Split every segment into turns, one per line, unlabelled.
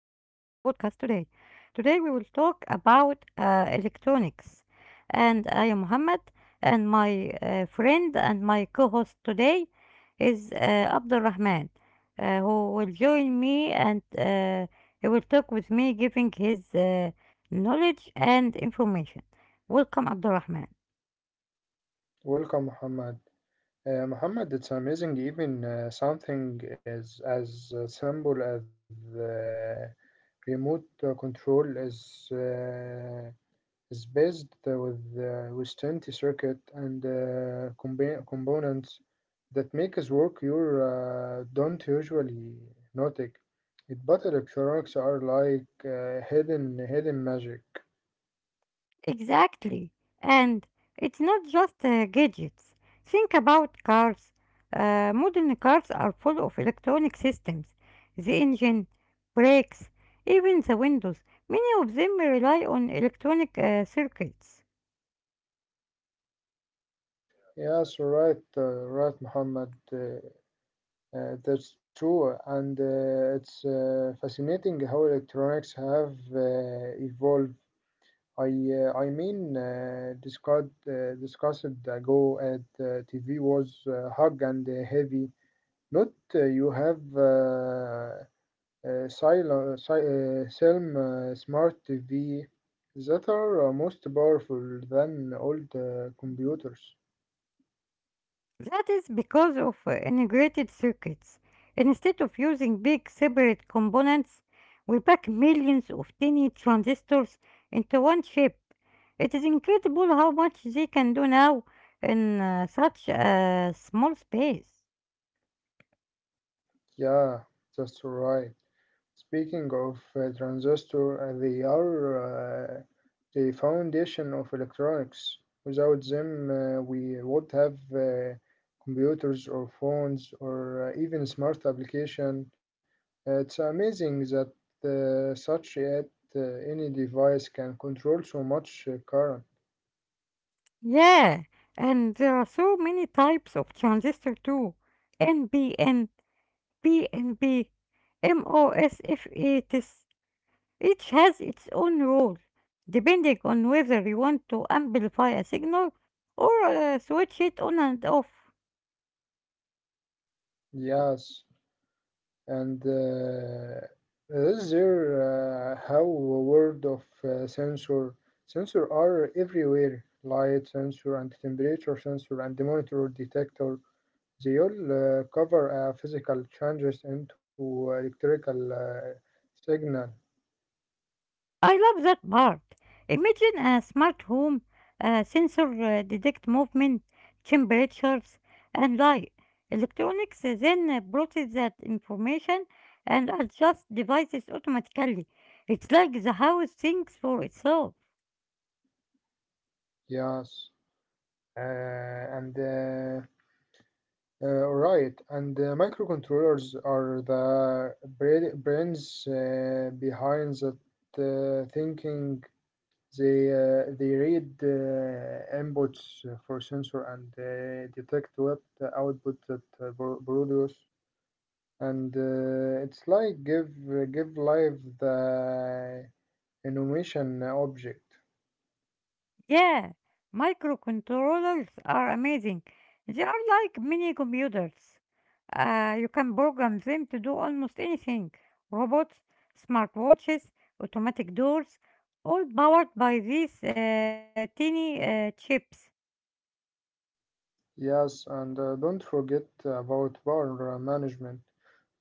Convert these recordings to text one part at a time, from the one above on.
podcast today. Today, we will talk about electronics. And I am Muhammad, and my friend and my co host today is Abdul Rahman, who will join me and he will talk with me, giving his knowledge and information. Welcome, Abdul Rahman.
Welcome, Muhammad. Muhammad, it's amazing even something as simple as uh, remote control is based with 20 circuit and components that make us work you don't usually notice. It, but electronics are like hidden magic.
Exactly. And it's not just gadgets. Think about cars. Modern cars are full of electronic systems, the engine, brakes, even the windows. Many of them rely on electronic circuits.
Yes, right, right, Muhammad. That's true, and it's fascinating how electronics have evolved. I mean, discussed ago at TV was hug and heavy. Not you have Selm smart TV that are most powerful than old computers.
That is because of integrated circuits. Instead of using big separate components, we pack millions of tiny transistors into one chip. It is incredible how much they can do now in such a small space.
Yeah, that's right. Speaking of transistor, they are the foundation of electronics. Without them, we would have computers or phones or even smart application. It's amazing that such yet uh, any device can control so much current.
Yeah, and there are so many types of transistor too. NBN, PNB, MOSFETs. Each has its own role, depending on whether you want to amplify a signal or switch it on and off.
Yes. and this is there how word of sensor are everywhere light sensor and temperature sensor and the monitor detector they all cover physical changes into electrical signal.
I love that part. Imagine a smart home sensor detect movement, temperatures, and light. Electronics then process that information and adjust devices automatically. It's like the house thinks for itself.
Yes, and right and microcontrollers are the brains behind that thinking. They read inputs for sensor and detect what output that produce. And it's like give life the animation object.
Yeah, microcontrollers are amazing. They are like mini computers. You can program them to do almost anything. Robots, smartwatches, automatic doors, all powered by these tiny chips.
Yes, and don't forget about power management.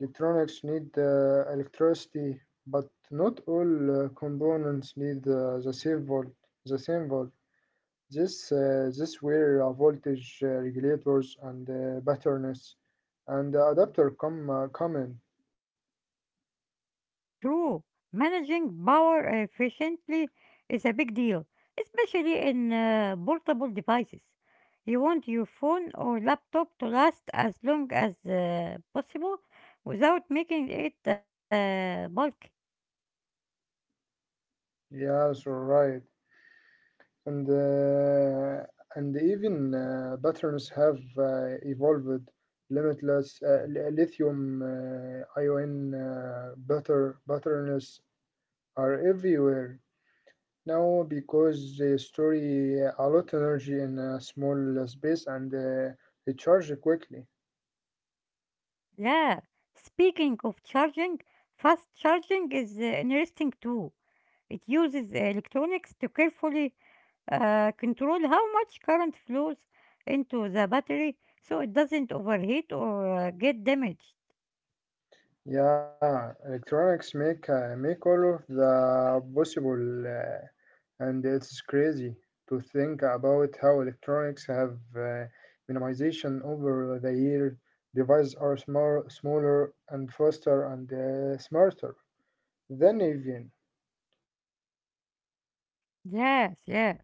Electronics need electricity, but not all components need the same volt. The same volt. This, this where voltage regulators and patterns and adapter come in.
True. Managing power efficiently is a big deal, especially in portable devices. You want your phone or laptop to last as long as possible without making it bulky.
Yes, all right. And uh, and even patterns have evolved. Limitless lithium ion butter patterns are everywhere now because they store a lot energy in a small space and they charge quickly.
Yeah. Speaking of charging, fast charging is interesting too. It uses electronics to carefully control how much current flows into the battery so it doesn't overheat or get damaged.
Yeah, electronics make all of the possible, and it's crazy to think about how electronics have minimization over the year. Devices are small, smaller, and faster, and smarter than even.
Yes, yes.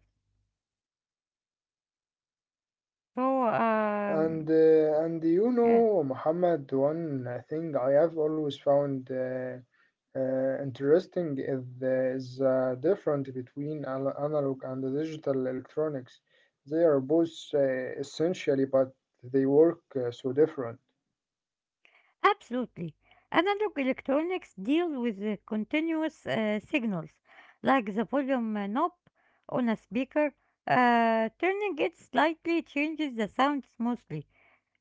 So, um,
And you
yes,
know, Muhammad, one thing I have always found. Uh, interesting is the difference between analog and the digital electronics. They are both essentially, but they work so different.
absolutely. Analog electronics deal with the continuous signals, like the volume knob on a speaker. Turning it slightly changes the sound smoothly.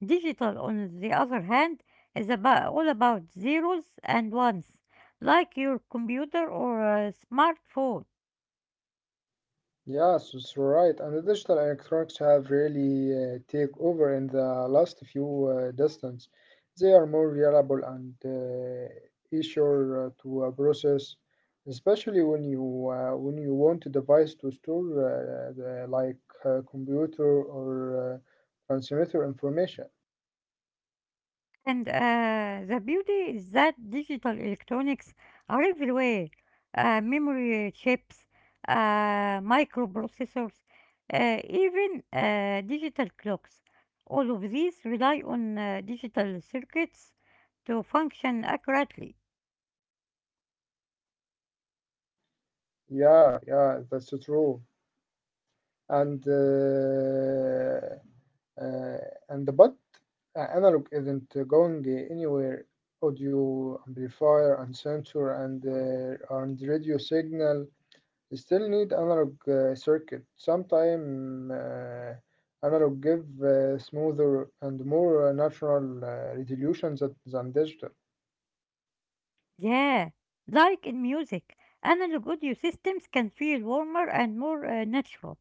Digital, on the other hand, is all about zeros and ones, like your computer or a smartphone.
Yes, it's right. And the digital electronics have really take over in the last few distance. They are more reliable and easier to process, especially when you want a device to store the, like computer or transmitter information.
And the beauty is that digital electronics are everywhere. Memory chips, microprocessors, even digital clocks. All of these rely on digital circuits to function accurately.
Yeah, yeah, that's true. And uh, Uh, and but analog isn't going anywhere. Audio amplifier and sensor and radio signal still need analog circuit. Sometimes analog give smoother and more natural resolution that, than digital.
Yeah, like in music, analog audio systems can feel warmer and more natural,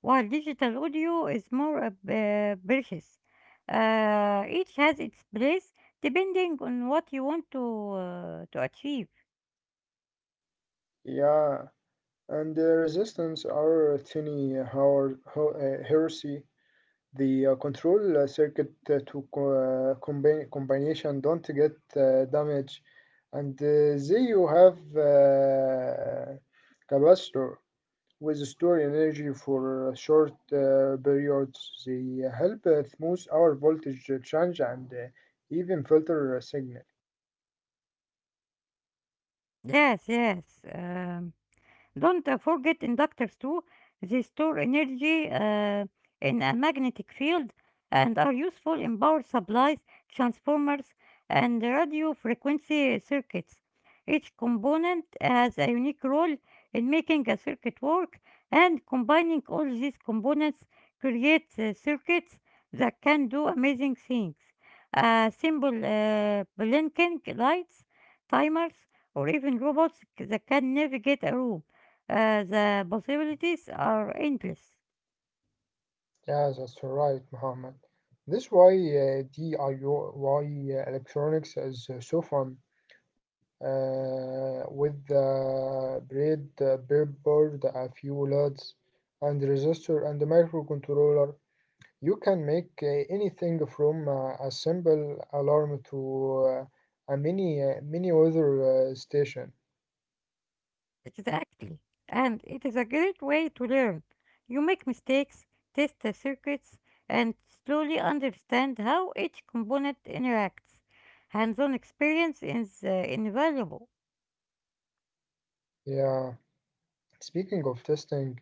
while digital audio is more precious. Each has its place depending on what you want to achieve.
Yeah, and the resistance are tiny, how heresy. The control circuit to combine combination don't get damaged, and they you have capacitor with store energy for short periods. They help smooth our voltage change and even filter signal.
Yes, yes. Don't forget inductors too. They store energy in a magnetic field and are useful in power supplies, transformers, and radio frequency circuits. Each component has a unique role in making a circuit work, and combining all these components creates circuits that can do amazing things. A simple blinking lights, timers, or even that can navigate a room. The possibilities are endless.
Yeah, that's right, Muhammad. This why DIY electronics is so fun. With the breadboard, a few LUTs, and resistor and microcontroller. You can make anything from a simple alarm to a mini weather station.
Exactly. And it is a great way to learn. You make mistakes, test the circuits, and slowly understand how each component interacts. Hands on experience is invaluable.
Yeah. Speaking of testing,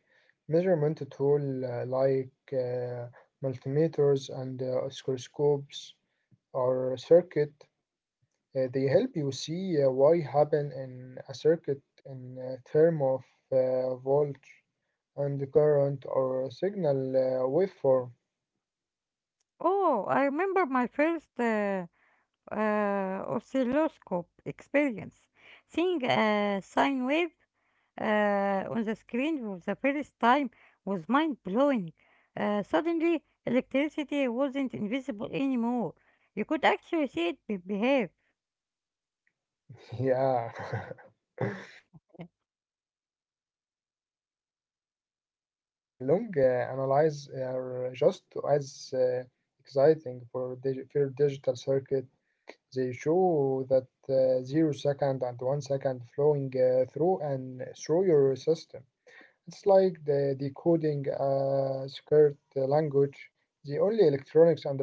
measurement tool like multimeters and oscilloscopes or circuit. They help you see why happen in a circuit in term of voltage and current or signal waveform.
Oh, I remember my first oscilloscope experience. Seeing a sine wave on the screen for the first time was mind blowing. Suddenly, electricity wasn't invisible anymore. You could actually see it behave.
Yeah, right, Muhammad. And long analyze are just as exciting for, for digital circuit. They show that zero second and one second flowing through your system. It's like the decoding a secret language the only electronics understand it.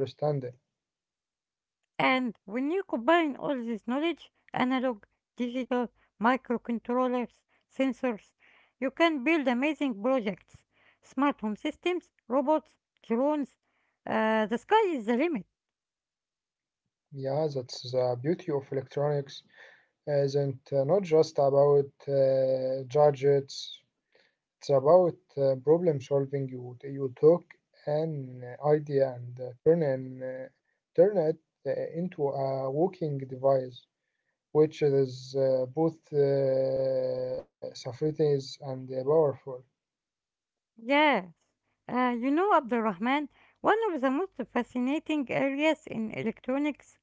And when you combine all this knowledge, analog, digital, microcontrollers, sensors, you can build amazing projects, smart home systems, robots, drones. The sky is the limit.
Yeah, that's the beauty of electronics. Isn't not just about gadgets. It's about problem solving. You took an idea and turn it into a working device, which is both sophisticated and powerful.
Yes. You know, Abdurrahman, one of the most fascinating areas in electronics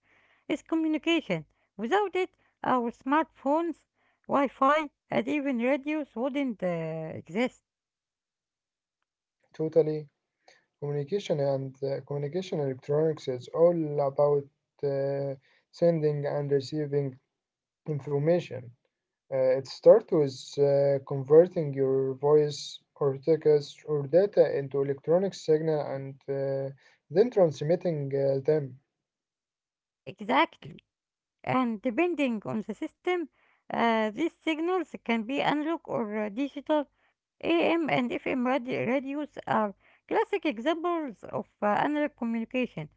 is communication. Without it, our smartphones, Wi Fi, and even radios wouldn't exist.
Totally. Communication and communication electronics is all about uh, sending and receiving information. It starts with converting your voice or text or data into electronic signal and then transmitting them.
Exactly. And depending on the system, these signals can be analog or digital. AM and FM radios are classic examples of analog communication,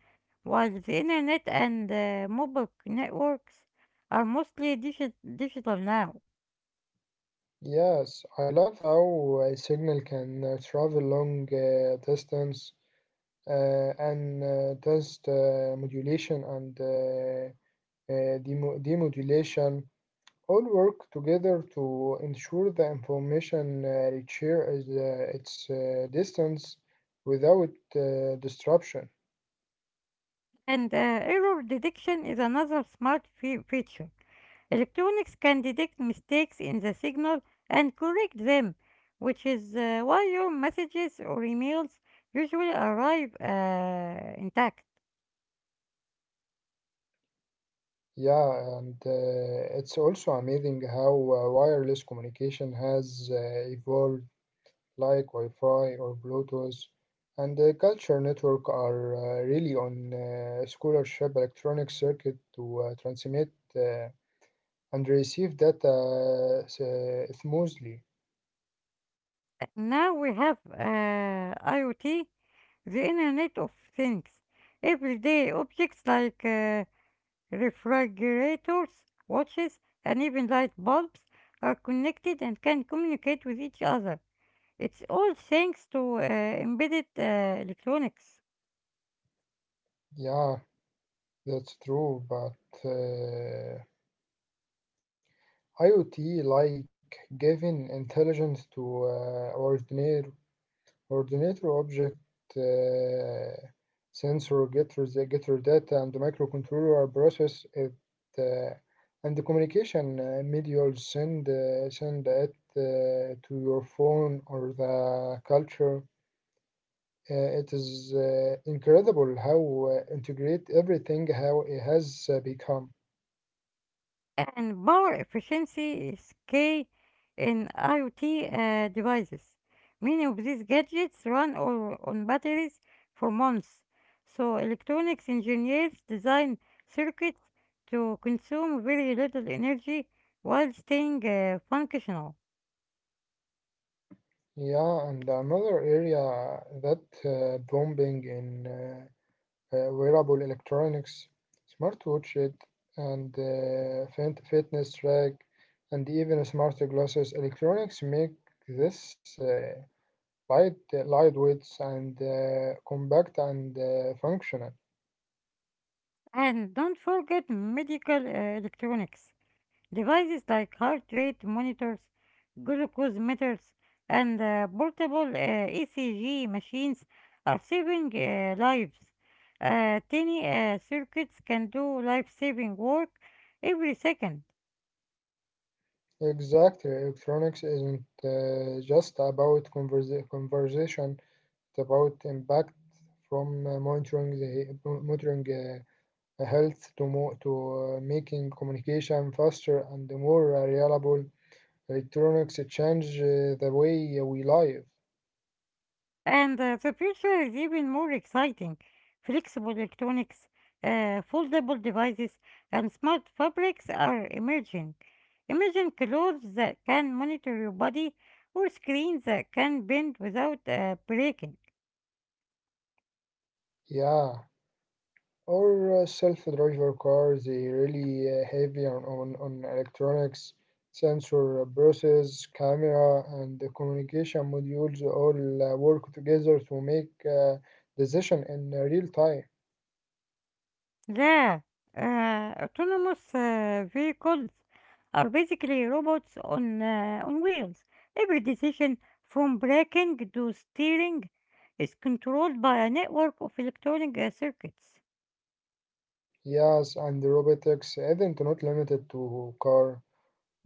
while the internet and mobile networks are mostly digital now.
Yes, I love how a signal can travel long distance and test modulation and demodulation all work together to ensure the information they share is its distance without disruption.
And error detection is another smart feature. Electronics can detect mistakes in the signal and correct them, which is why your messages or emails usually arrive intact.
Yeah, and it's also amazing how wireless communication has evolved. Like Wi-Fi or Bluetooth, and the culture network are really on scholarship electronic circuit to transmit uh, and receive data smoothly.
Now we have IoT, the internet of things, everyday objects like refrigerators, watches, and even light bulbs are connected and can communicate with each other. It's all thanks to embedded electronics.
Yeah, that's true, but uh, IoT like giving intelligence to ordinary Ordinator object, uh, sensor getter the getter data and the microcontroller process it, uh, and the communication medial send it to your phone or the culture. It is incredible how integrate everything how it has become.
And power efficiency is key in IoT devices. Many of these gadgets run or on batteries for months, so electronics engineers design circuits to consume very little energy while staying functional.
Yeah, and another area that bombing in. Wearable electronics, smartwatches, and fitness track, and even smart glasses. Electronics make this lightweight, and compact and functional.
And don't forget medical electronics. Devices like heart rate monitors, glucose meters, and portable ECG machines are saving lives. Tiny circuits can do life saving work every second.
Exactly, electronics isn't just about conversation; it's about impact from monitoring. Health to making communication faster and more reliable electronics change the way we live.
And the future is even more exciting. Flexible electronics, foldable devices, and smart fabrics are emerging. Imagine clothes that can monitor your body or screens that can bend without breaking.
Yeah, or self-driver cars, they really heavy on electronics, sensor process, camera, and the communication modules all work together to make decision in real time.
Yeah, autonomous vehicles are basically robots on wheels. Every decision, from braking to steering, is controlled by a network of electronic circuits.
Yes, and robotics isn't not limited to car.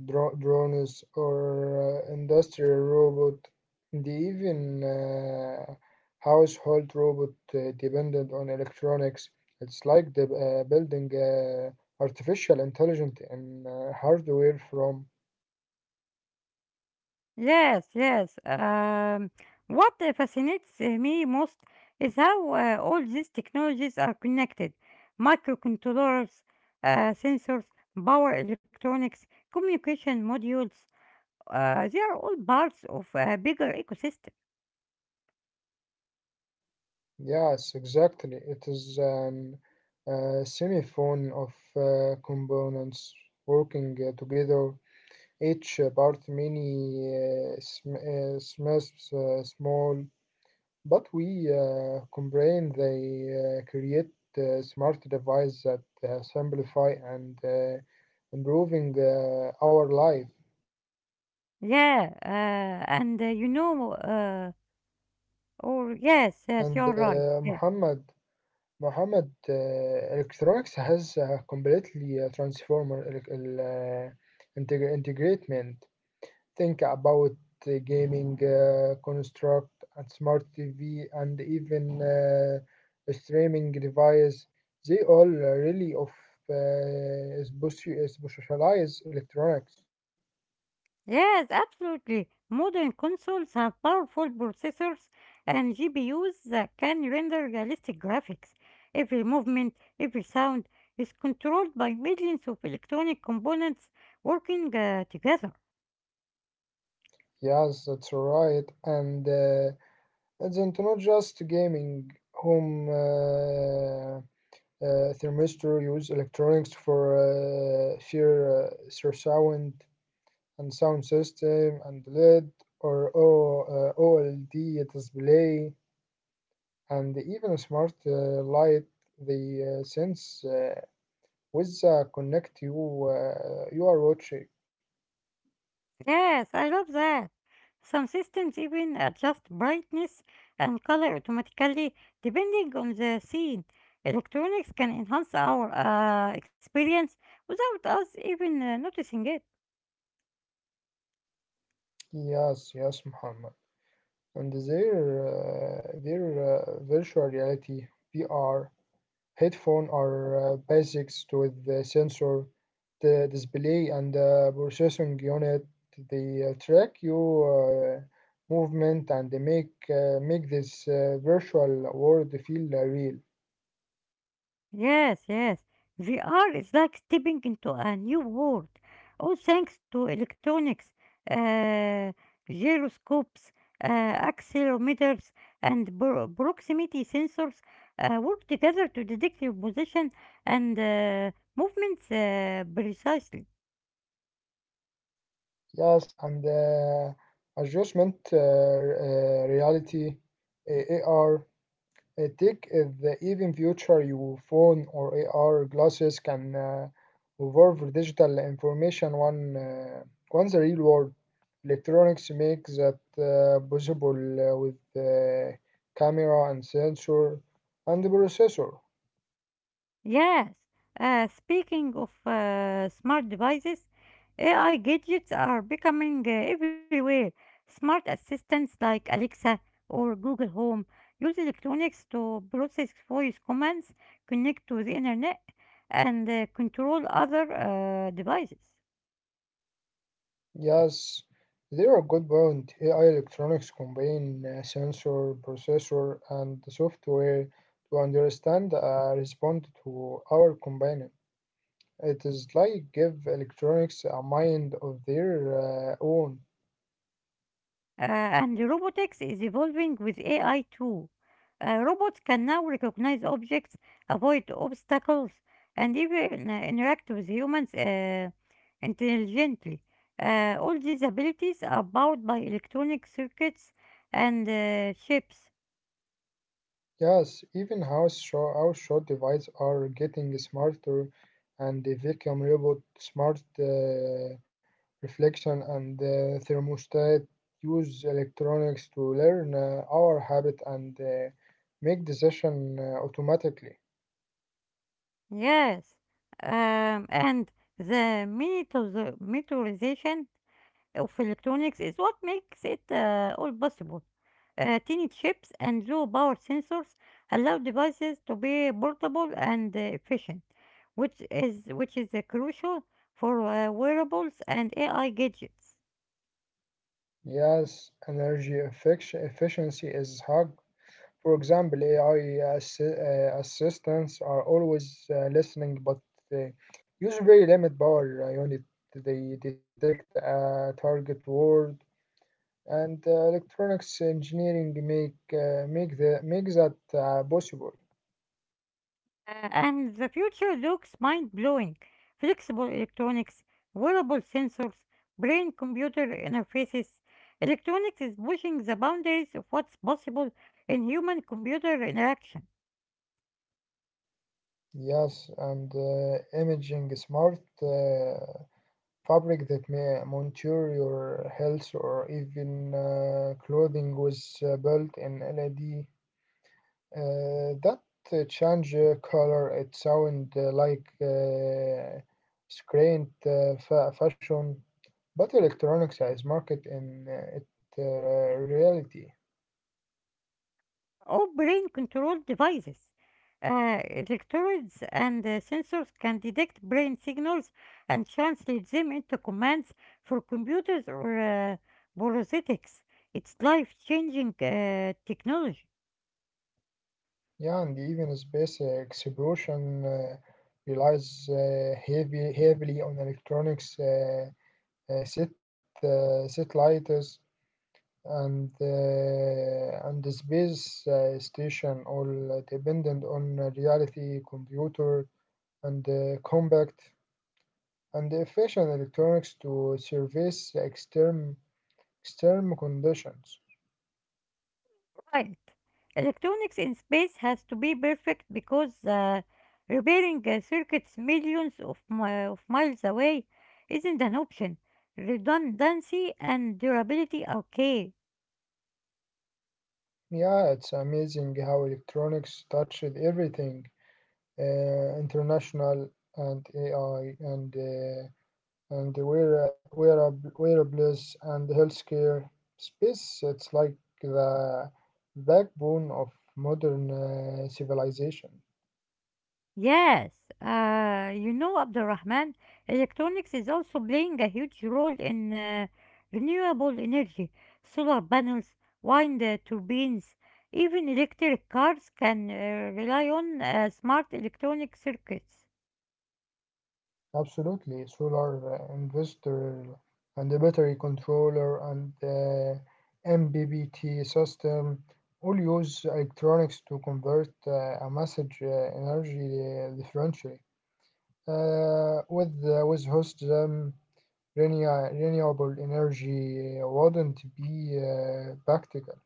Dro- drones or industrial robot, and even household robot dependent on electronics. It's like the, building artificial intelligence in hardware from.
Yes, yes. What fascinates me most is how all these technologies are connected. Microcontrollers, sensors, power electronics, communication modules, they are all parts of a bigger ecosystem.
Yes, exactly. It is an semiphone of components working together. Each part many small. But we complain they create smart devices that simplify and improving our life.
Yeah, and you know, or yes,
And
yes, you're right. Yeah.
Muhammad, electronics has completely transformed integratement. Think about gaming, construct, and smart TV, and even streaming device. They all really of specialize electronics.
Yes, absolutely. Modern consoles have powerful processors and GPUs that can render realistic graphics. Every movement, every sound is controlled by millions of electronic components working together.
Yes, that's right. And it's not just gaming. Home thermistor use electronics for sheer surround and sound system and LED or OLED display and even a smart light the sense with the connect you are watching.
Yes, I love that. Some systems even adjust brightness and color automatically depending on the scene. Electronics can enhance our experience without us even noticing it.
Yes, yes, Muhammad. And their virtual reality (VR) headphone are basics with the sensor the display and the processing unit the track your movement and they make this virtual world feel real.
Yes, yes. VR is like stepping into a new world, all thanks to electronics, uh, gyroscopes, accelerometers, and proximity sensors work together to detect your position and movements precisely.
Yes and adjustment reality, AR. Take the even future your phone or AR glasses can evolve digital information one once the real world electronics make that possible with camera and sensor and the processor.
Yes. Speaking of smart devices, AI gadgets are becoming everywhere. Smart assistants like Alexa or Google Home use electronics to process voice commands, connect to the internet, and control other devices.
Yes, they are good point. AI electronics combine sensor, processor, and software to understand and respond to our combined. It is like give electronics a mind of their own.
And robotics is evolving with AI too. Robots can now recognize objects, avoid obstacles, and even interact with humans intelligently. All these abilities are powered by electronic circuits and chips.
Yes, even how short devices are getting smarter, and the vacuum robot, smart reflection, and thermostat use electronics to learn our habit and make decision automatically.
Yes, and the miniaturization of electronics is what makes it all possible. Tiny chips and low power sensors allow devices to be portable and efficient, which is crucial for wearables and AI gadgets.
Yes, energy efficiency is high. For example, AI assistants are always listening, but they use very limited power unit. They detect a target word, and electronics engineering make that possible.
And the future looks mind-blowing. Flexible electronics, wearable sensors, brain-computer interfaces. Electronics is pushing the boundaries of what's possible in human-computer interaction.
Yes, and imaging smart fabric that may monitor your health or even clothing was built in LED. That change color, it sound like screen fashion, but electronics is market in it reality.
All brain controlled devices. Electrodes and sensors can detect brain signals and translate them into commands for computers or prosthetics. It's life changing technology.
Yeah, and even space exploration relies heavily on electronics set satellites and the space station all dependent on reality computer and compact and efficient electronics to service the external conditions.
Right. Electronics in space has to be perfect because repairing circuits millions of, of miles away isn't an option. Redundancy and durability are key.
Yeah, it's amazing how electronics touched everything international and AI and wearables and healthcare space. It's like the backbone of modern civilization.
Yes, you know, Abdulrahman, electronics is also playing a huge role in renewable energy. Solar panels, wind turbines, even electric cars can rely on smart electronic circuits.
Absolutely, solar investor and the battery controller and the MBBT system all use electronics to convert a message energy differentially. With host them, renewable energy wouldn't be practical.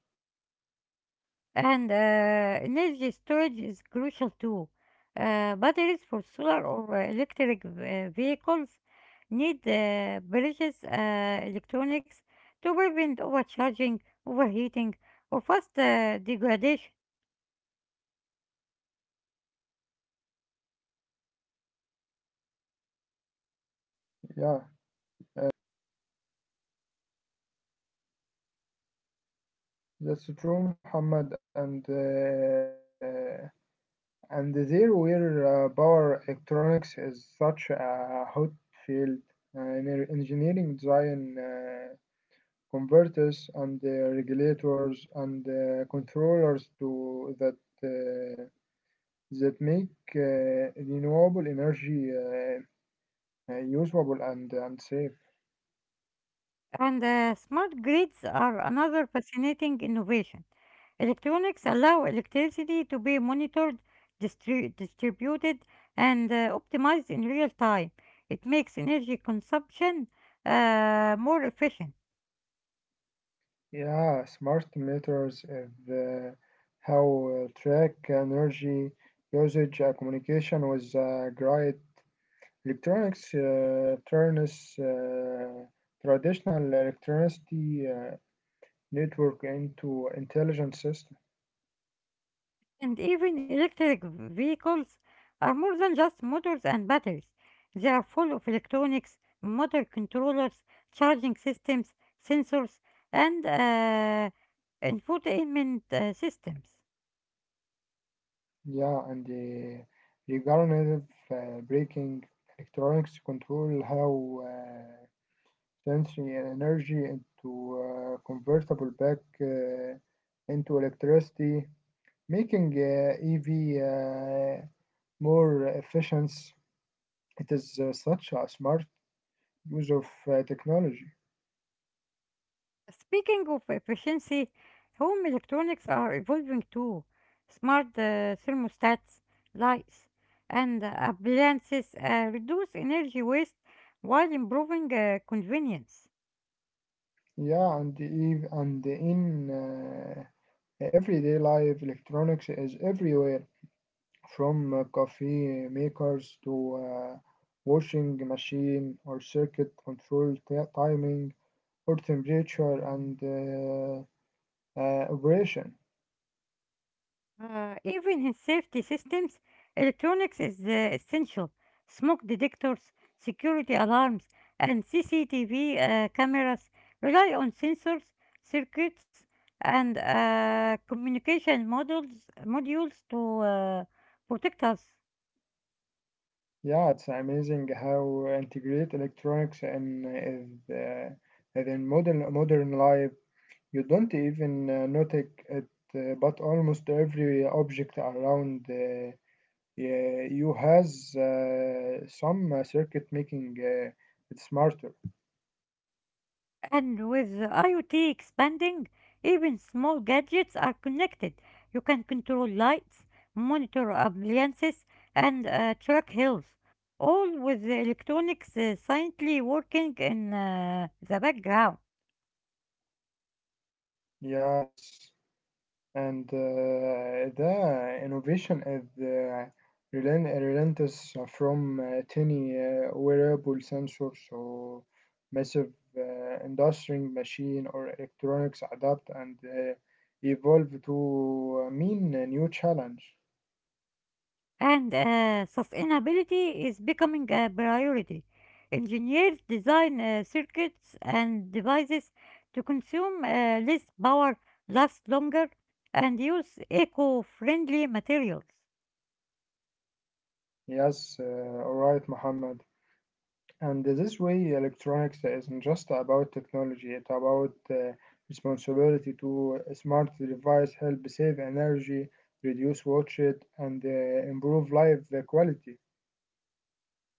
And energy storage is crucial too. Batteries for solar or uh, electric vehicles need precious electronics to prevent overcharging, overheating, or fast degradation.
Yeah, that's true, Muhammad. Uh, that's true, Muhammad. And uh, And there where power electronics is such a hot field, engineering design converters and regulators and controllers to that uh, that make renewable energy usable and safe.
And smart grids are another fascinating innovation. Electronics allow electricity to be monitored, distributed, and optimized in real time. It makes energy consumption more efficient.
Yeah, smart meters of how track energy usage, communication with grid. Electronics turns traditional electricity network into intelligent system.
And even electric vehicles are more than just motors and batteries. They are full of electronics, motor controllers, charging systems, sensors, and infotainment systems.
Yeah, and the regenerative braking electronics control how sensory energy into convertible back into electricity, making EV more efficient. It is such a smart use of technology.
Speaking of efficiency, home electronics are evolving too. Smart thermostats, lights, and appliances reduce energy waste while improving convenience.
Yeah, and even and in everyday life, electronics is everywhere, from coffee makers to washing machine or circuit control timing or temperature and operation.
Even in safety systems, electronics is essential. Smoke detectors, security alarms, and CCTV cameras rely on sensors, circuits, and communication modules to protect us.
Yeah, it's amazing how integrate electronics in in modern life. You don't even notice it, but almost every object around. Yeah, you has some circuit making it smarter.
And with IoT expanding, even small gadgets are connected. You can control lights, monitor appliances, and track health, all with the electronics silently working in the background.
Yes, and the innovation is relentless from tiny wearable sensors so massive industrial machine or electronics adapt and evolve to mean a new challenge.
And sustainability is becoming a priority. Engineers design circuits and devices to consume less power, last longer, and use eco friendly materials.
Yes, all right, Muhammad. And this way, electronics isn't just about technology, it's about responsibility to a smart device, help save energy, reduce wastage, and improve life quality.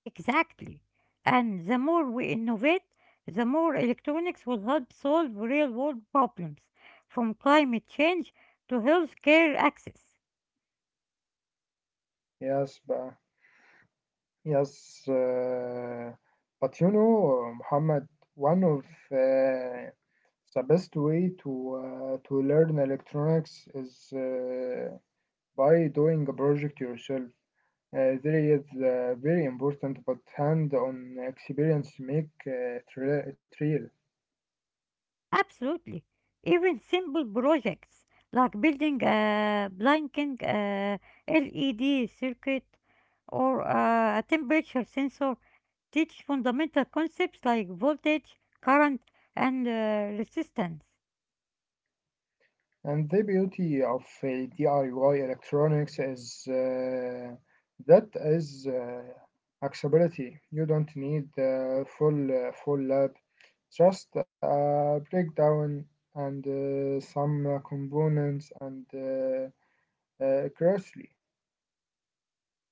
Exactly. And the more we innovate, the more electronics will help solve real world problems, from climate change to healthcare access.
Yes, but, yes, uh, but you know, Muhammad, one of uh, the best way to learn electronics is by doing a project yourself. There is very important but hand-on experience make it real.
Absolutely. Even simple projects like building a blinking LED circuit or a temperature sensor teach fundamental concepts like voltage, current, and resistance.
And the beauty of DIY electronics is that is accessibility. You don't need full lab, just a breakdown and some components and closely.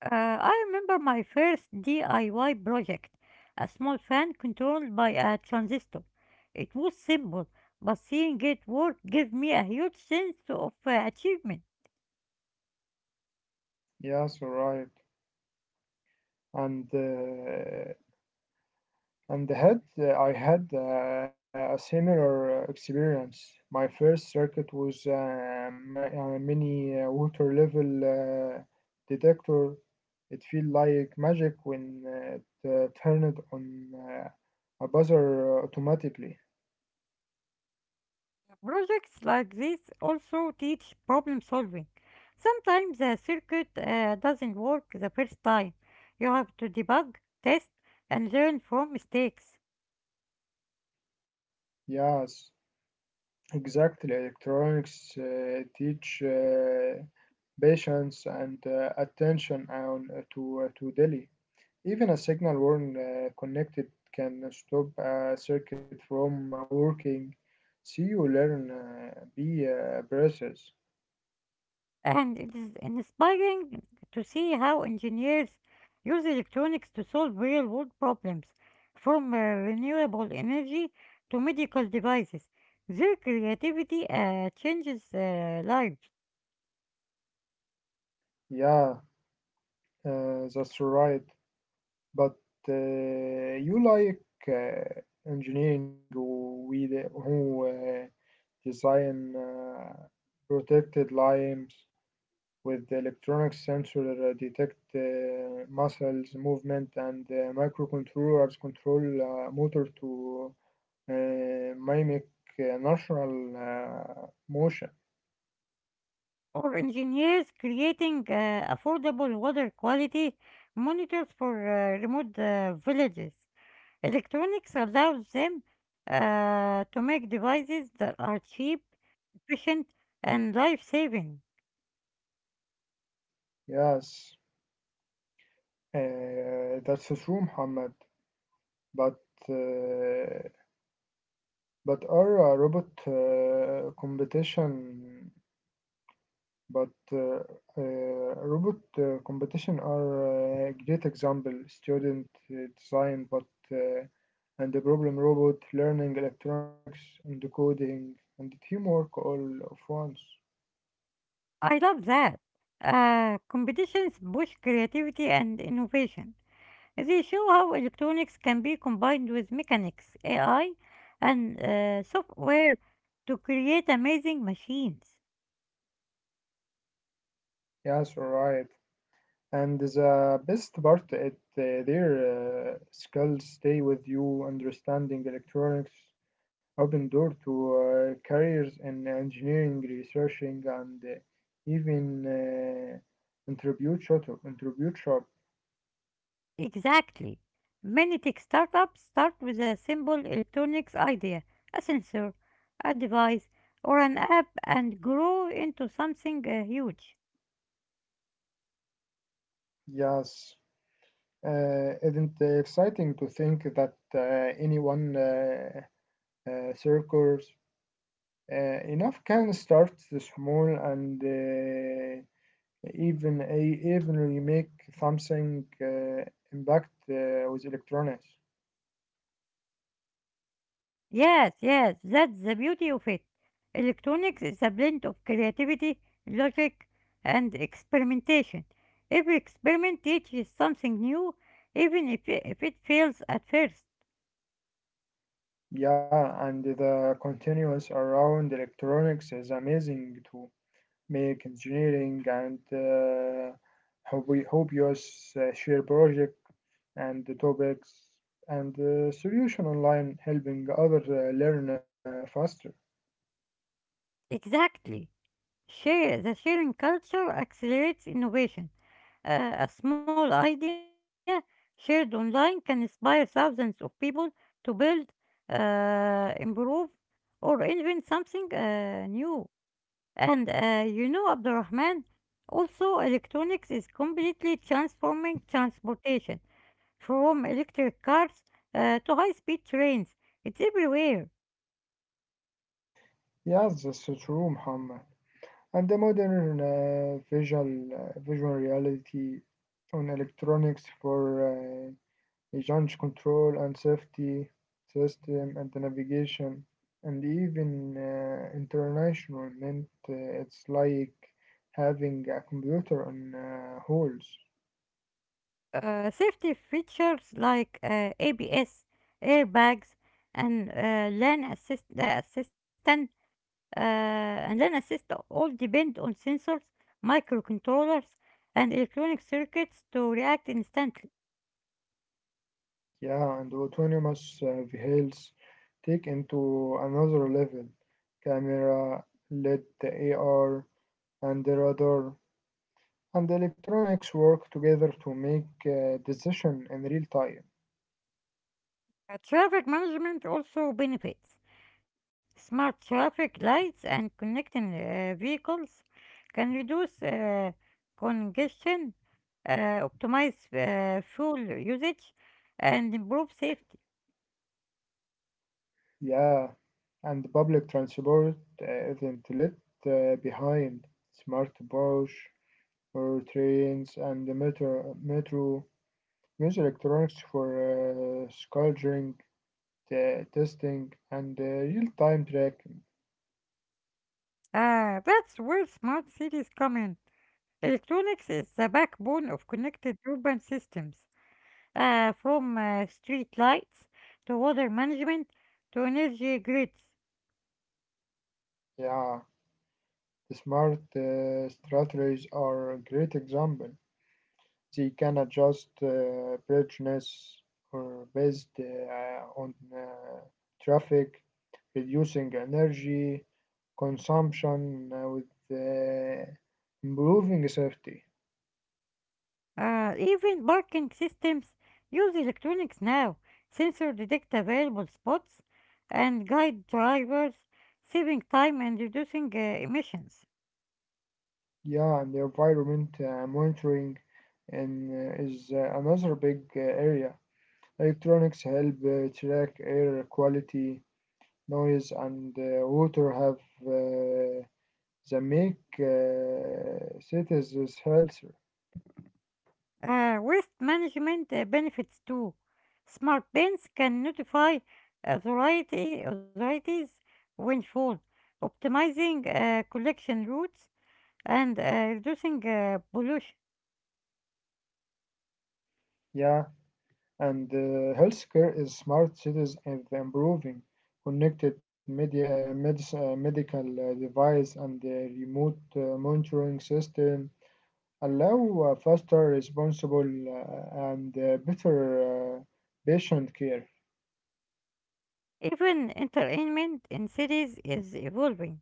I remember my first DIY project, a small fan controlled by a transistor. It was simple, but seeing it work gave me a huge sense of achievement.
Yes, right. And uh, And had I had a similar experience. My first circuit was a mini water level detector. It felt like magic when it turned on a buzzer automatically.
Projects like this also teach problem solving. Sometimes a circuit doesn't work the first time. You have to debug, test, and learn from mistakes.
Yes, exactly. Electronics teach patience and attention and to daily. Even a signal worn connected can stop a circuit from working. See you learn be process.
And it is inspiring to see how engineers use electronics to solve real world problems, from renewable energy to medical devices. Their creativity changes lives.
Yeah, that's right. But you like engineering who design protected lines with electronic sensor detect muscles movement and microcontrollers control motor to mimic natural motion.
Or engineers creating affordable water quality monitors for remote villages. Electronics allows them to make devices that are cheap, efficient, and life saving.
Yes, that's true, Muhammad. But uh, but are robot competition? But Robot competition are a great example. Student design, but uh, and the problem robot learning electronics and coding and teamwork all of once.
I love that. Competitions push creativity and innovation. They show how electronics can be combined with mechanics, AI, and software to create amazing machines.
Yes, all right. And the best part it their skills stay with you. Understanding electronics open door to careers in engineering, researching, and even interview shop. Interview shop.
Exactly. Many tech startups start with a simple electronics idea, a sensor, a device, or an app, and grow into something huge.
Yes. Isn't it exciting to think that anyone circles enough can start small and even I even you make something impact with electronics.
Yes, yes, that's the beauty of it. Electronics is a blend of creativity, logic, and experimentation. Every experiment teaches something new, even if it fails at first.
Yeah, and the continuous around electronics is amazing to make engineering and hope you share project and the topics and solution online helping other learn faster.
Exactly. Share, the sharing culture accelerates innovation. A small idea shared online can inspire thousands of people to build, improve, or invent something new. And you know, Abdurrahman, also electronics is completely transforming transportation from electric cars to high-speed trains. It's everywhere.
Yeah, that's true, Muhammad. And the modern visual reality on electronics for uh, launch control and safety system and the navigation and even international meant it's like having a computer on holes.
Safety features like ABS, airbags, and lane assist assistant and lane assist all depend on sensors, microcontrollers, and electronic circuits to react instantly.
Yeah, and autonomous vehicles take into another level. Camera, LED, AR, and radar and electronics work together to make decision in real time.
Traffic management also benefits. Smart traffic lights and connecting vehicles can reduce congestion, uh, optimize fuel usage, and improve safety.
Yeah, and public transport isn't left behind. Smart bus or trains and the metro use electronics for scheduling, testing, and real-time tracking.
That's where smart cities come in. Electronics is the backbone of connected urban systems, from street lights to water management to energy grids.
Yeah, the smart strategies are a great example. They can adjust brightness or based on traffic, reducing energy consumption with uh, improving safety.
Even parking systems use electronics now. Sensors detect available spots and guide drivers, saving time and reducing emissions.
Yeah, and the environment monitoring and is another big area. Electronics help track air quality, noise, and water have uh, the make citizens healthier.
Waste management benefits too. Smart bins can notify authorities when full, optimizing collection routes and reducing pollution.
Yeah, and healthcare is smart cities and improving connected media, medical device and the remote monitoring system allow faster, responsible, and better patient care.
Even entertainment in cities is evolving.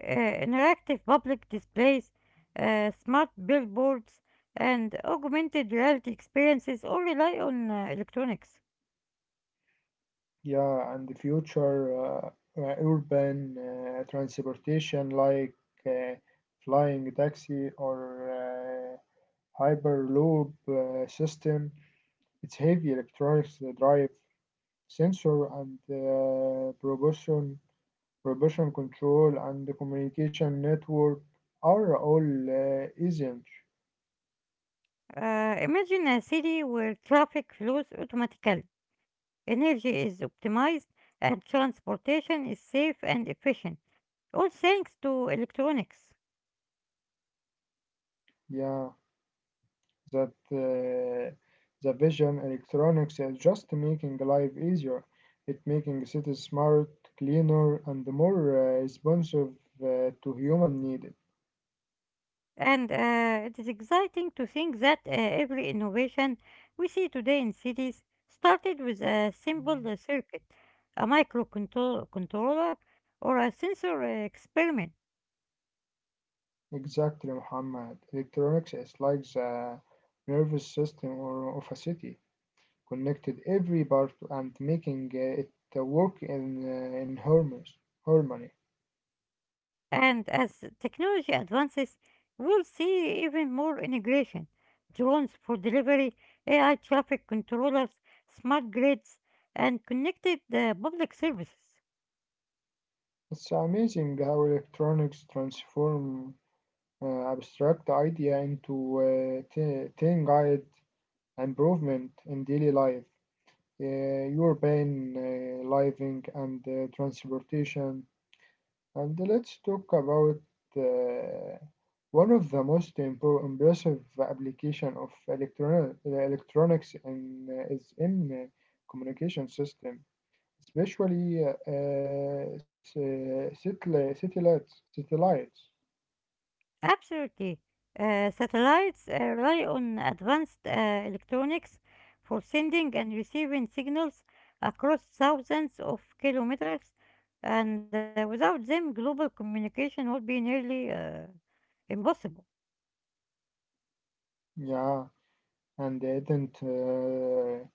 uh, Interactive public displays, smart billboards, and augmented reality experiences all rely on electronics.
Yeah, and the future urban transportation like uh, flying taxi or hyperloop system. It's heavy electronics drive sensor and propulsion control and the communication network are all essential.
Imagine a city where traffic flows automatically, energy is optimized, and transportation is safe and efficient, all thanks to electronics.
Yeah, that the vision electronics is just making life easier. It making cities smart, cleaner, and more responsive to human needed.
And it is exciting to think that every innovation we see today in cities started with a simple circuit, a microcontroller, or a sensor experiment.
Exactly, Muhammad. Electronics is like the nervous system of a city. Connected every part and making it work in harmony.
And as technology advances, we'll see even more integration: drones for delivery, AI traffic controllers, smart grids, and connected public services.
It's amazing how electronics transform abstract idea into uh, tangible improvement in daily life. Urban living and transportation. And let's talk about uh, one of the most impressive application of electronics is in communication system, especially satellites. Satellites,
Absolutely. Satellites rely on advanced electronics for sending and receiving signals across thousands of kilometers, and without them, global communication would be nearly impossible.
yeah, and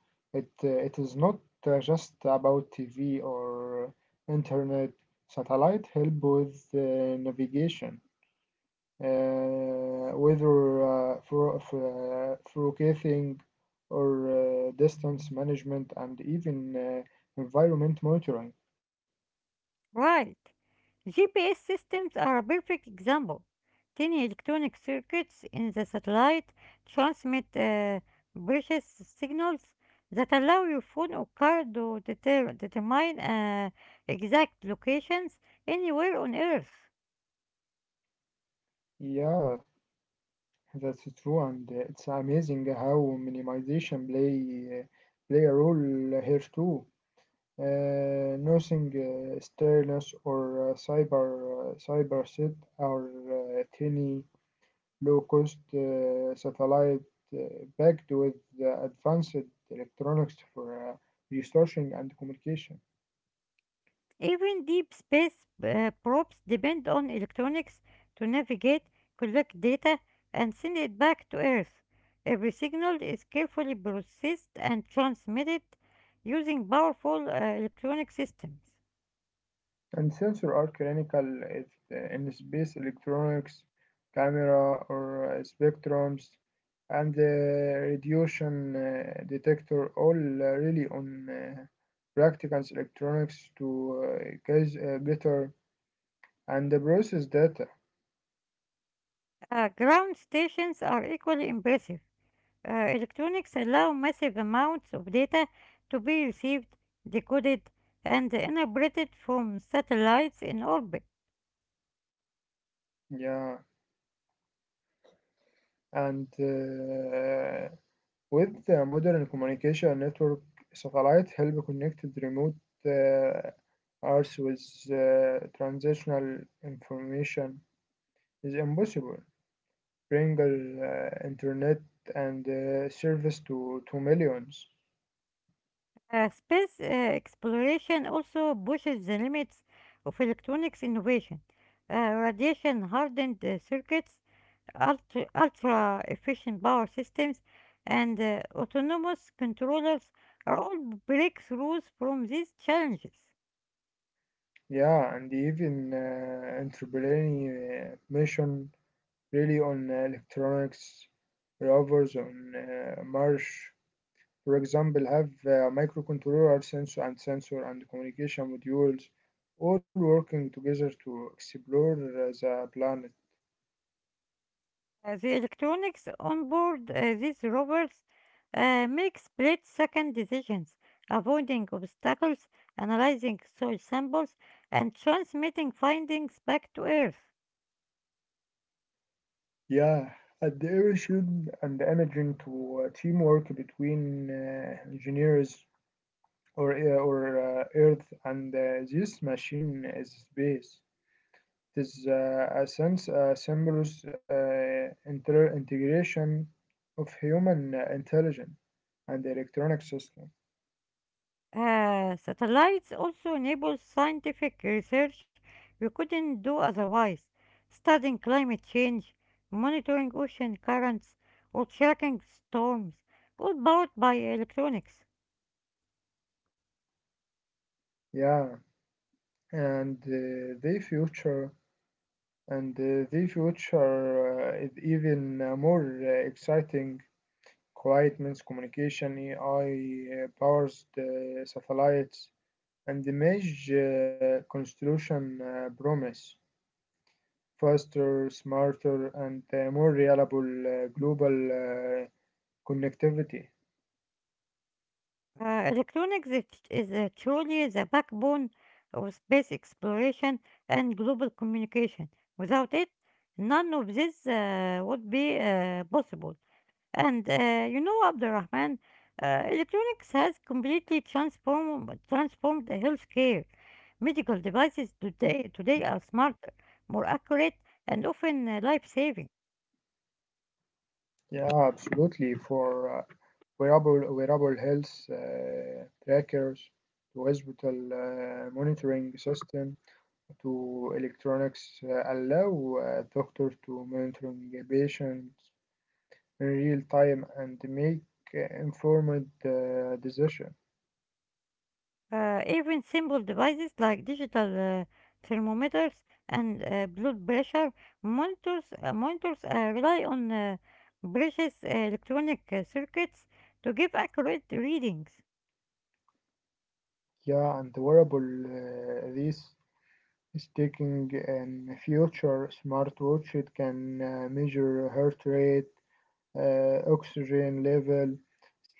it it is not just about TV or internet. Satellite help with navigation whether forecasting or distance management and even environment monitoring.
Right. GPS systems are a perfect example. Tiny electronic circuits in the satellite transmit precious signals that allow your phone or car to determine exact locations anywhere on Earth.
Yeah, that's true, and it's amazing how minimization play a role here too. Nothing stillness or cyber set are tiny low-cost satellite uh, packed with advanced electronics for researching and communication.
Even deep space probes depend on electronics to navigate, collect data, and send it back to Earth. Every signal is carefully processed and transmitted using powerful electronic systems.
And sensors are clinical if, in space electronics, camera or spectrums, and radiation detector, all really on practicals electronics to gather and the process data.
Ground stations are equally impressive. Electronics allow massive amounts of data to be received, decoded, and interpreted from satellites in orbit.
Yeah, and with the modern communication network, satellite help connect the remote uh, Earth with transitional information is impossible. Bring internet and service to millions.
Space exploration also pushes the limits of electronics innovation. Uh, radiation hardened circuits, ultra efficient power systems, and autonomous controllers are all breakthroughs from these challenges.
Yeah, and even entrepreneurial mission really on electronics, rovers on Mars, for example, have microcontroller, sensor and communication modules all working together to explore the planet.
The electronics on board these rovers make split second decisions, avoiding obstacles, analyzing soil samples, and transmitting findings back to Earth.
Yeah, and the emission and the imaging to teamwork between engineers or Earth and this machine is space. It is a seamless integration of human intelligence and electronic system.
Satellites also enable scientific research we couldn't do otherwise, studying climate change, monitoring ocean currents, or tracking storms, all powered by electronics.
Yeah. and the future and The future is even more exciting quiet means communication AI powers the satellites and image constellation promise faster smarter and more reliable global connectivity.
Electronics is truly the backbone of space exploration and global communication. Without it, none of this would be possible. And you know, Abdurrahman, electronics has completely transformed the healthcare. Medical devices today are smarter, more accurate, and often life-saving.
Yeah, absolutely. For uh, wearable health trackers to hospital monitoring system to electronics allow doctors to monitoring patients in real time and make informed decision.
Even simple devices like digital thermometers and blood pressure monitors rely on precious electronic circuits to give accurate readings.
Yeah, and wearable this is taking in future smartwatch. It can measure heart rate, oxygen level,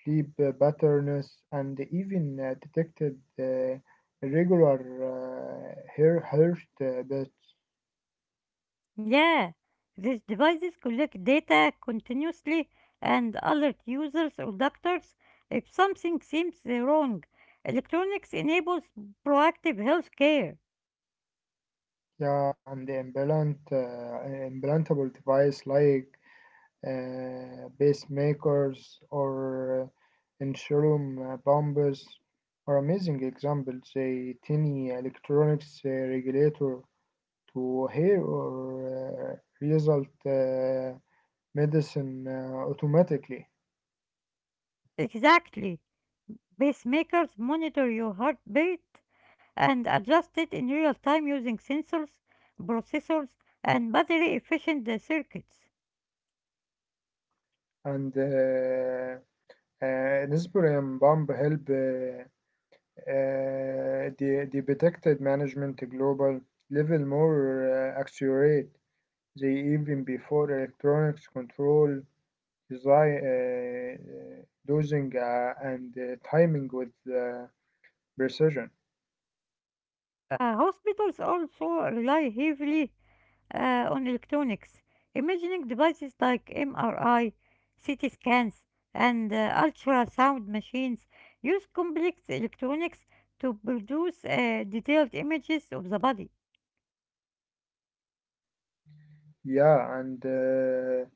sleep patterns, and even detected irregular hair heart beats.
Yeah, these devices collect data continuously and alert users or doctors if something seems wrong. Electronics enables proactive health care.
Yeah, and implantable device like pacemakers or insulin pumps are amazing examples. A tiny electronics regulator to hair or result medicine automatically.
Exactly. Pacemakers monitor your heartbeat and adjust it in real time using sensors, processors, and battery efficient circuits.
And This program help the detected management global level more accurate. They even before electronics control design dosing and timing with precision.
Hospitals also rely heavily on electronics. Imaging devices like MRI, CT scans, and ultrasound machines use complex electronics to produce detailed images of the body.
Yeah, and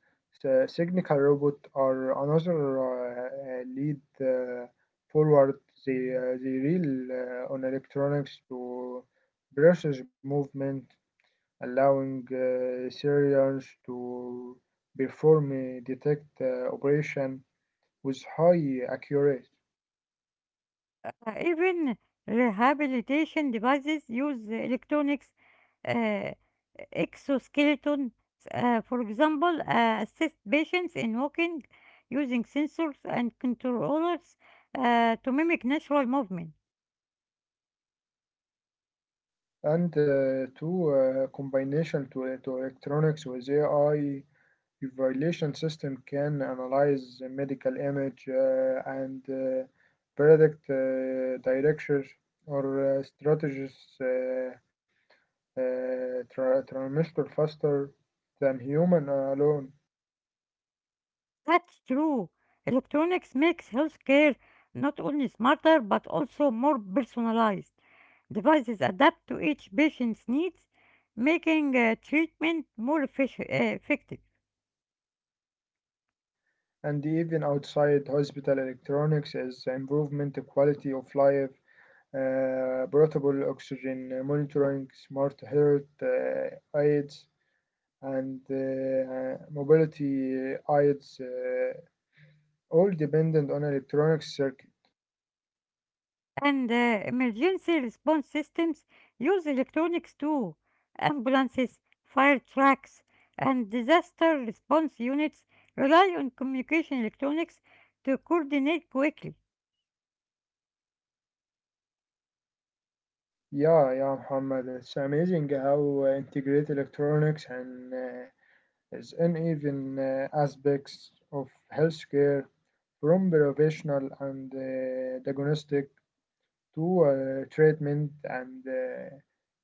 the Signical Robot are another lead forward. They rely on electronics to process movement, allowing Syrians to perform a detect operation with high accuracy.
Even rehabilitation devices use electronics uh, exoskeleton. For example, assist patients in walking using sensors and controllers to mimic natural movement.
And two combination to electronics with AI evaluation system can analyze the medical image and predict directions or strategies uh, trimester faster than human alone.
That's true. Electronics makes healthcare not only smarter but also more personalized. Devices adapt to each patient's needs, making treatment more effective.
And even outside hospital electronics is improvement quality of life, portable oxygen monitoring, smart health aids, and mobility aids all dependent on electronic circuit.
And emergency response systems use electronics too. Ambulances, fire trucks, and disaster response units rely on communication electronics to coordinate quickly.
Yeah, Muhammad. It's amazing how integrate electronics and its uneven aspects of healthcare, from professional and diagnostic to treatment and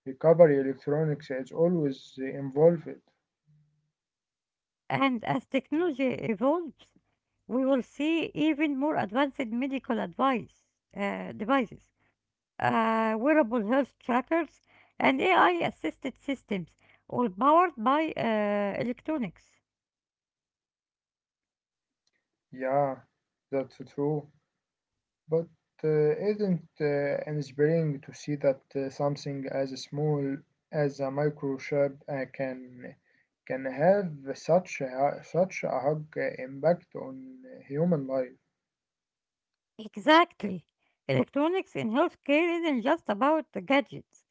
recovery. Electronics is always involved.
And as technology evolves, we will see even more advanced medical advice devices, wearable health trackers, and AI-assisted systems, all powered by electronics.
Yeah, that's true. But uh, isn't inspiring to see that something as small as a microchip can have such a hug impact on human life?
Exactly. Electronics in healthcare isn't just about the gadgets.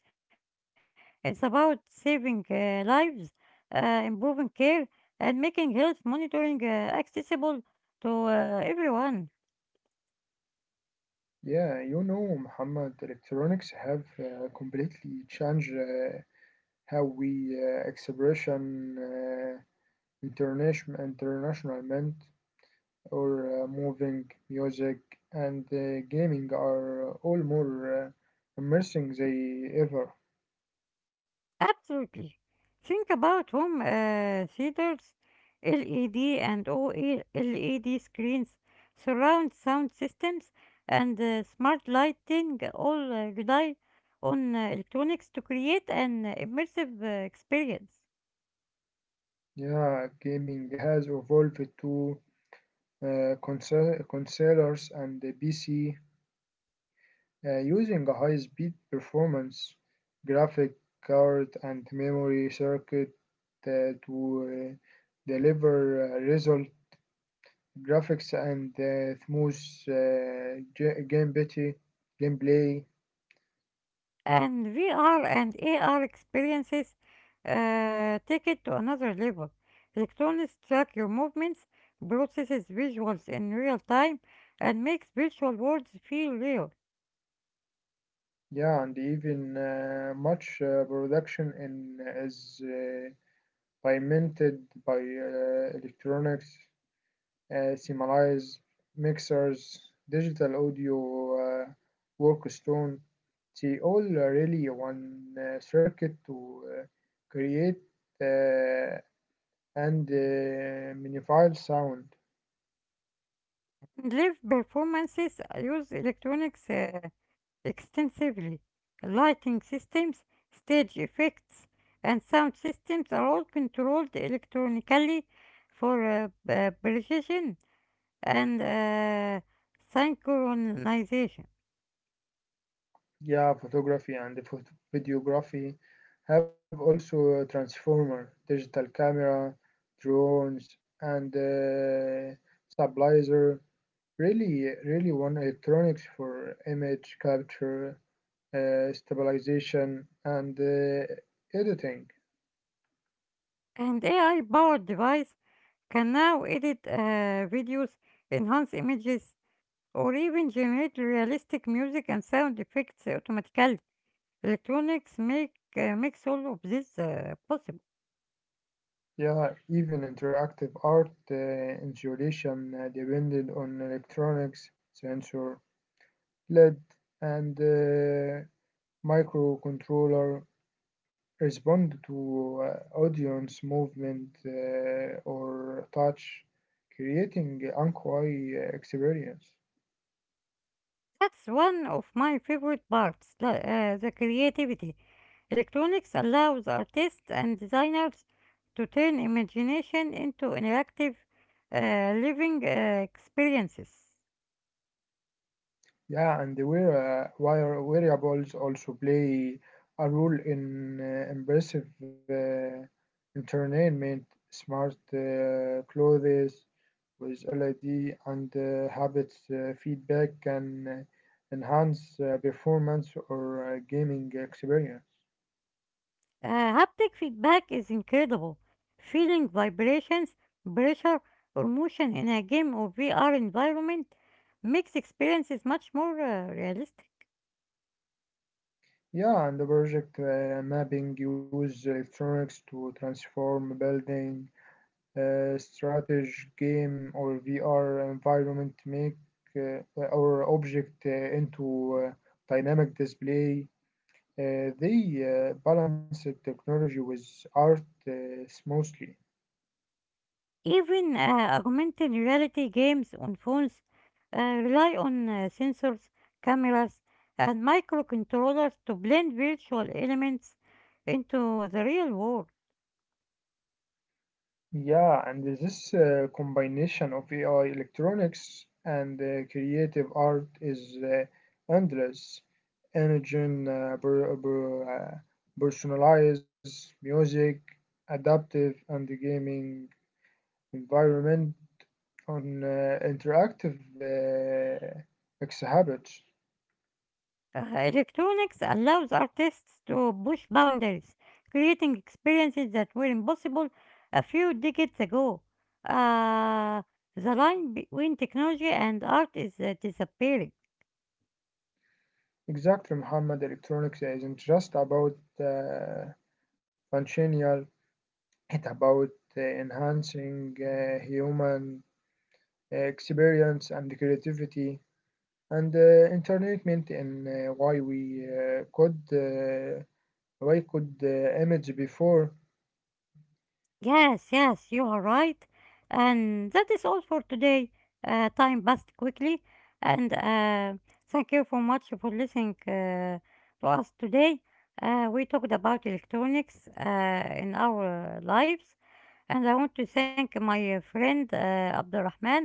It's about saving lives, improving care, and making health monitoring accessible to everyone.
Yeah, you know, Muhammad, electronics have completely changed how we expression uh, international or moving, music, and gaming are all more immersing than ever.
Absolutely. Think about home theaters, LED and OLED screens, surround sound systems, and smart lighting all rely on electronics to create an immersive experience.
Yeah, gaming has evolved to consoles and the PC using a high speed performance graphic card and memory circuit to deliver result graphics and smooth uh, ge- gameplay gameplay.
And VR and AR experiences take it to another level. Electronics track your movements, processes visuals in real time, and makes virtual worlds feel real.
Yeah, and even much production in is pimented by electronics, similes, mixers, digital audio, workstone. They all really one circuit to create uh, and magnified sound.
Live performances use electronics extensively. Lighting systems, stage effects, and sound systems are all controlled electronically for precision and synchronization.
Yeah, photography and videography have also transformer, digital camera, drones, and stabilizer. Really, one electronics for image capture, stabilization, and editing.
And AI powered device can now edit videos, enhance images, or even generate realistic music and sound effects automatically. Electronics makes all of this possible.
Yeah, even interactive art installation depended on electronics, sensor, LED, and microcontroller respond to audience movement or touch, creating unquiet experience.
That's one of my favorite parts, the creativity. Electronics allows artists and designers to turn imagination into interactive, living experiences.
Yeah, and where variables also play a role in impressive entertainment, smart clothes with LED and habits feedback can enhance performance or gaming experience.
Uh, haptic feedback is incredible. Feeling vibrations, pressure, or motion in a game or VR environment makes experiences much more realistic.
Yeah, and the project mapping use electronics to transform building, strategy, game, or VR environment make our object into dynamic display. They balance the technology with art smoothly.
Even augmented reality games on phones rely on sensors, cameras, and microcontrollers to blend virtual elements into the real world.
Yeah, and this combination of AI electronics and creative art is endless. Energy personalized music, adaptive and gaming environment on interactive exhibits.
Electronics allows artists to push boundaries, creating experiences that were impossible a few decades ago. Uh, the line between technology and art is disappearing.
Exactly, Muhammad. Electronics isn't just about uh, functional, it's about enhancing human experience and creativity and entertainment and why could the image before?
Yes, yes, you are right. And that is all for today. Time passed quickly. And thank you so much for listening to us today. We talked about electronics in our lives. And I want to thank my friend Abdurrahman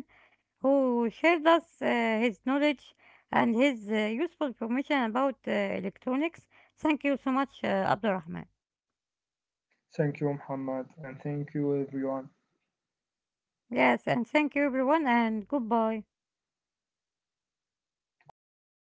who shared us his knowledge and his useful information about electronics. Thank you so much, Abdurrahman.
Thank you, Muhammad, and thank you, everyone.
Yes, and thank you everyone, and goodbye.
Goodbye, guys.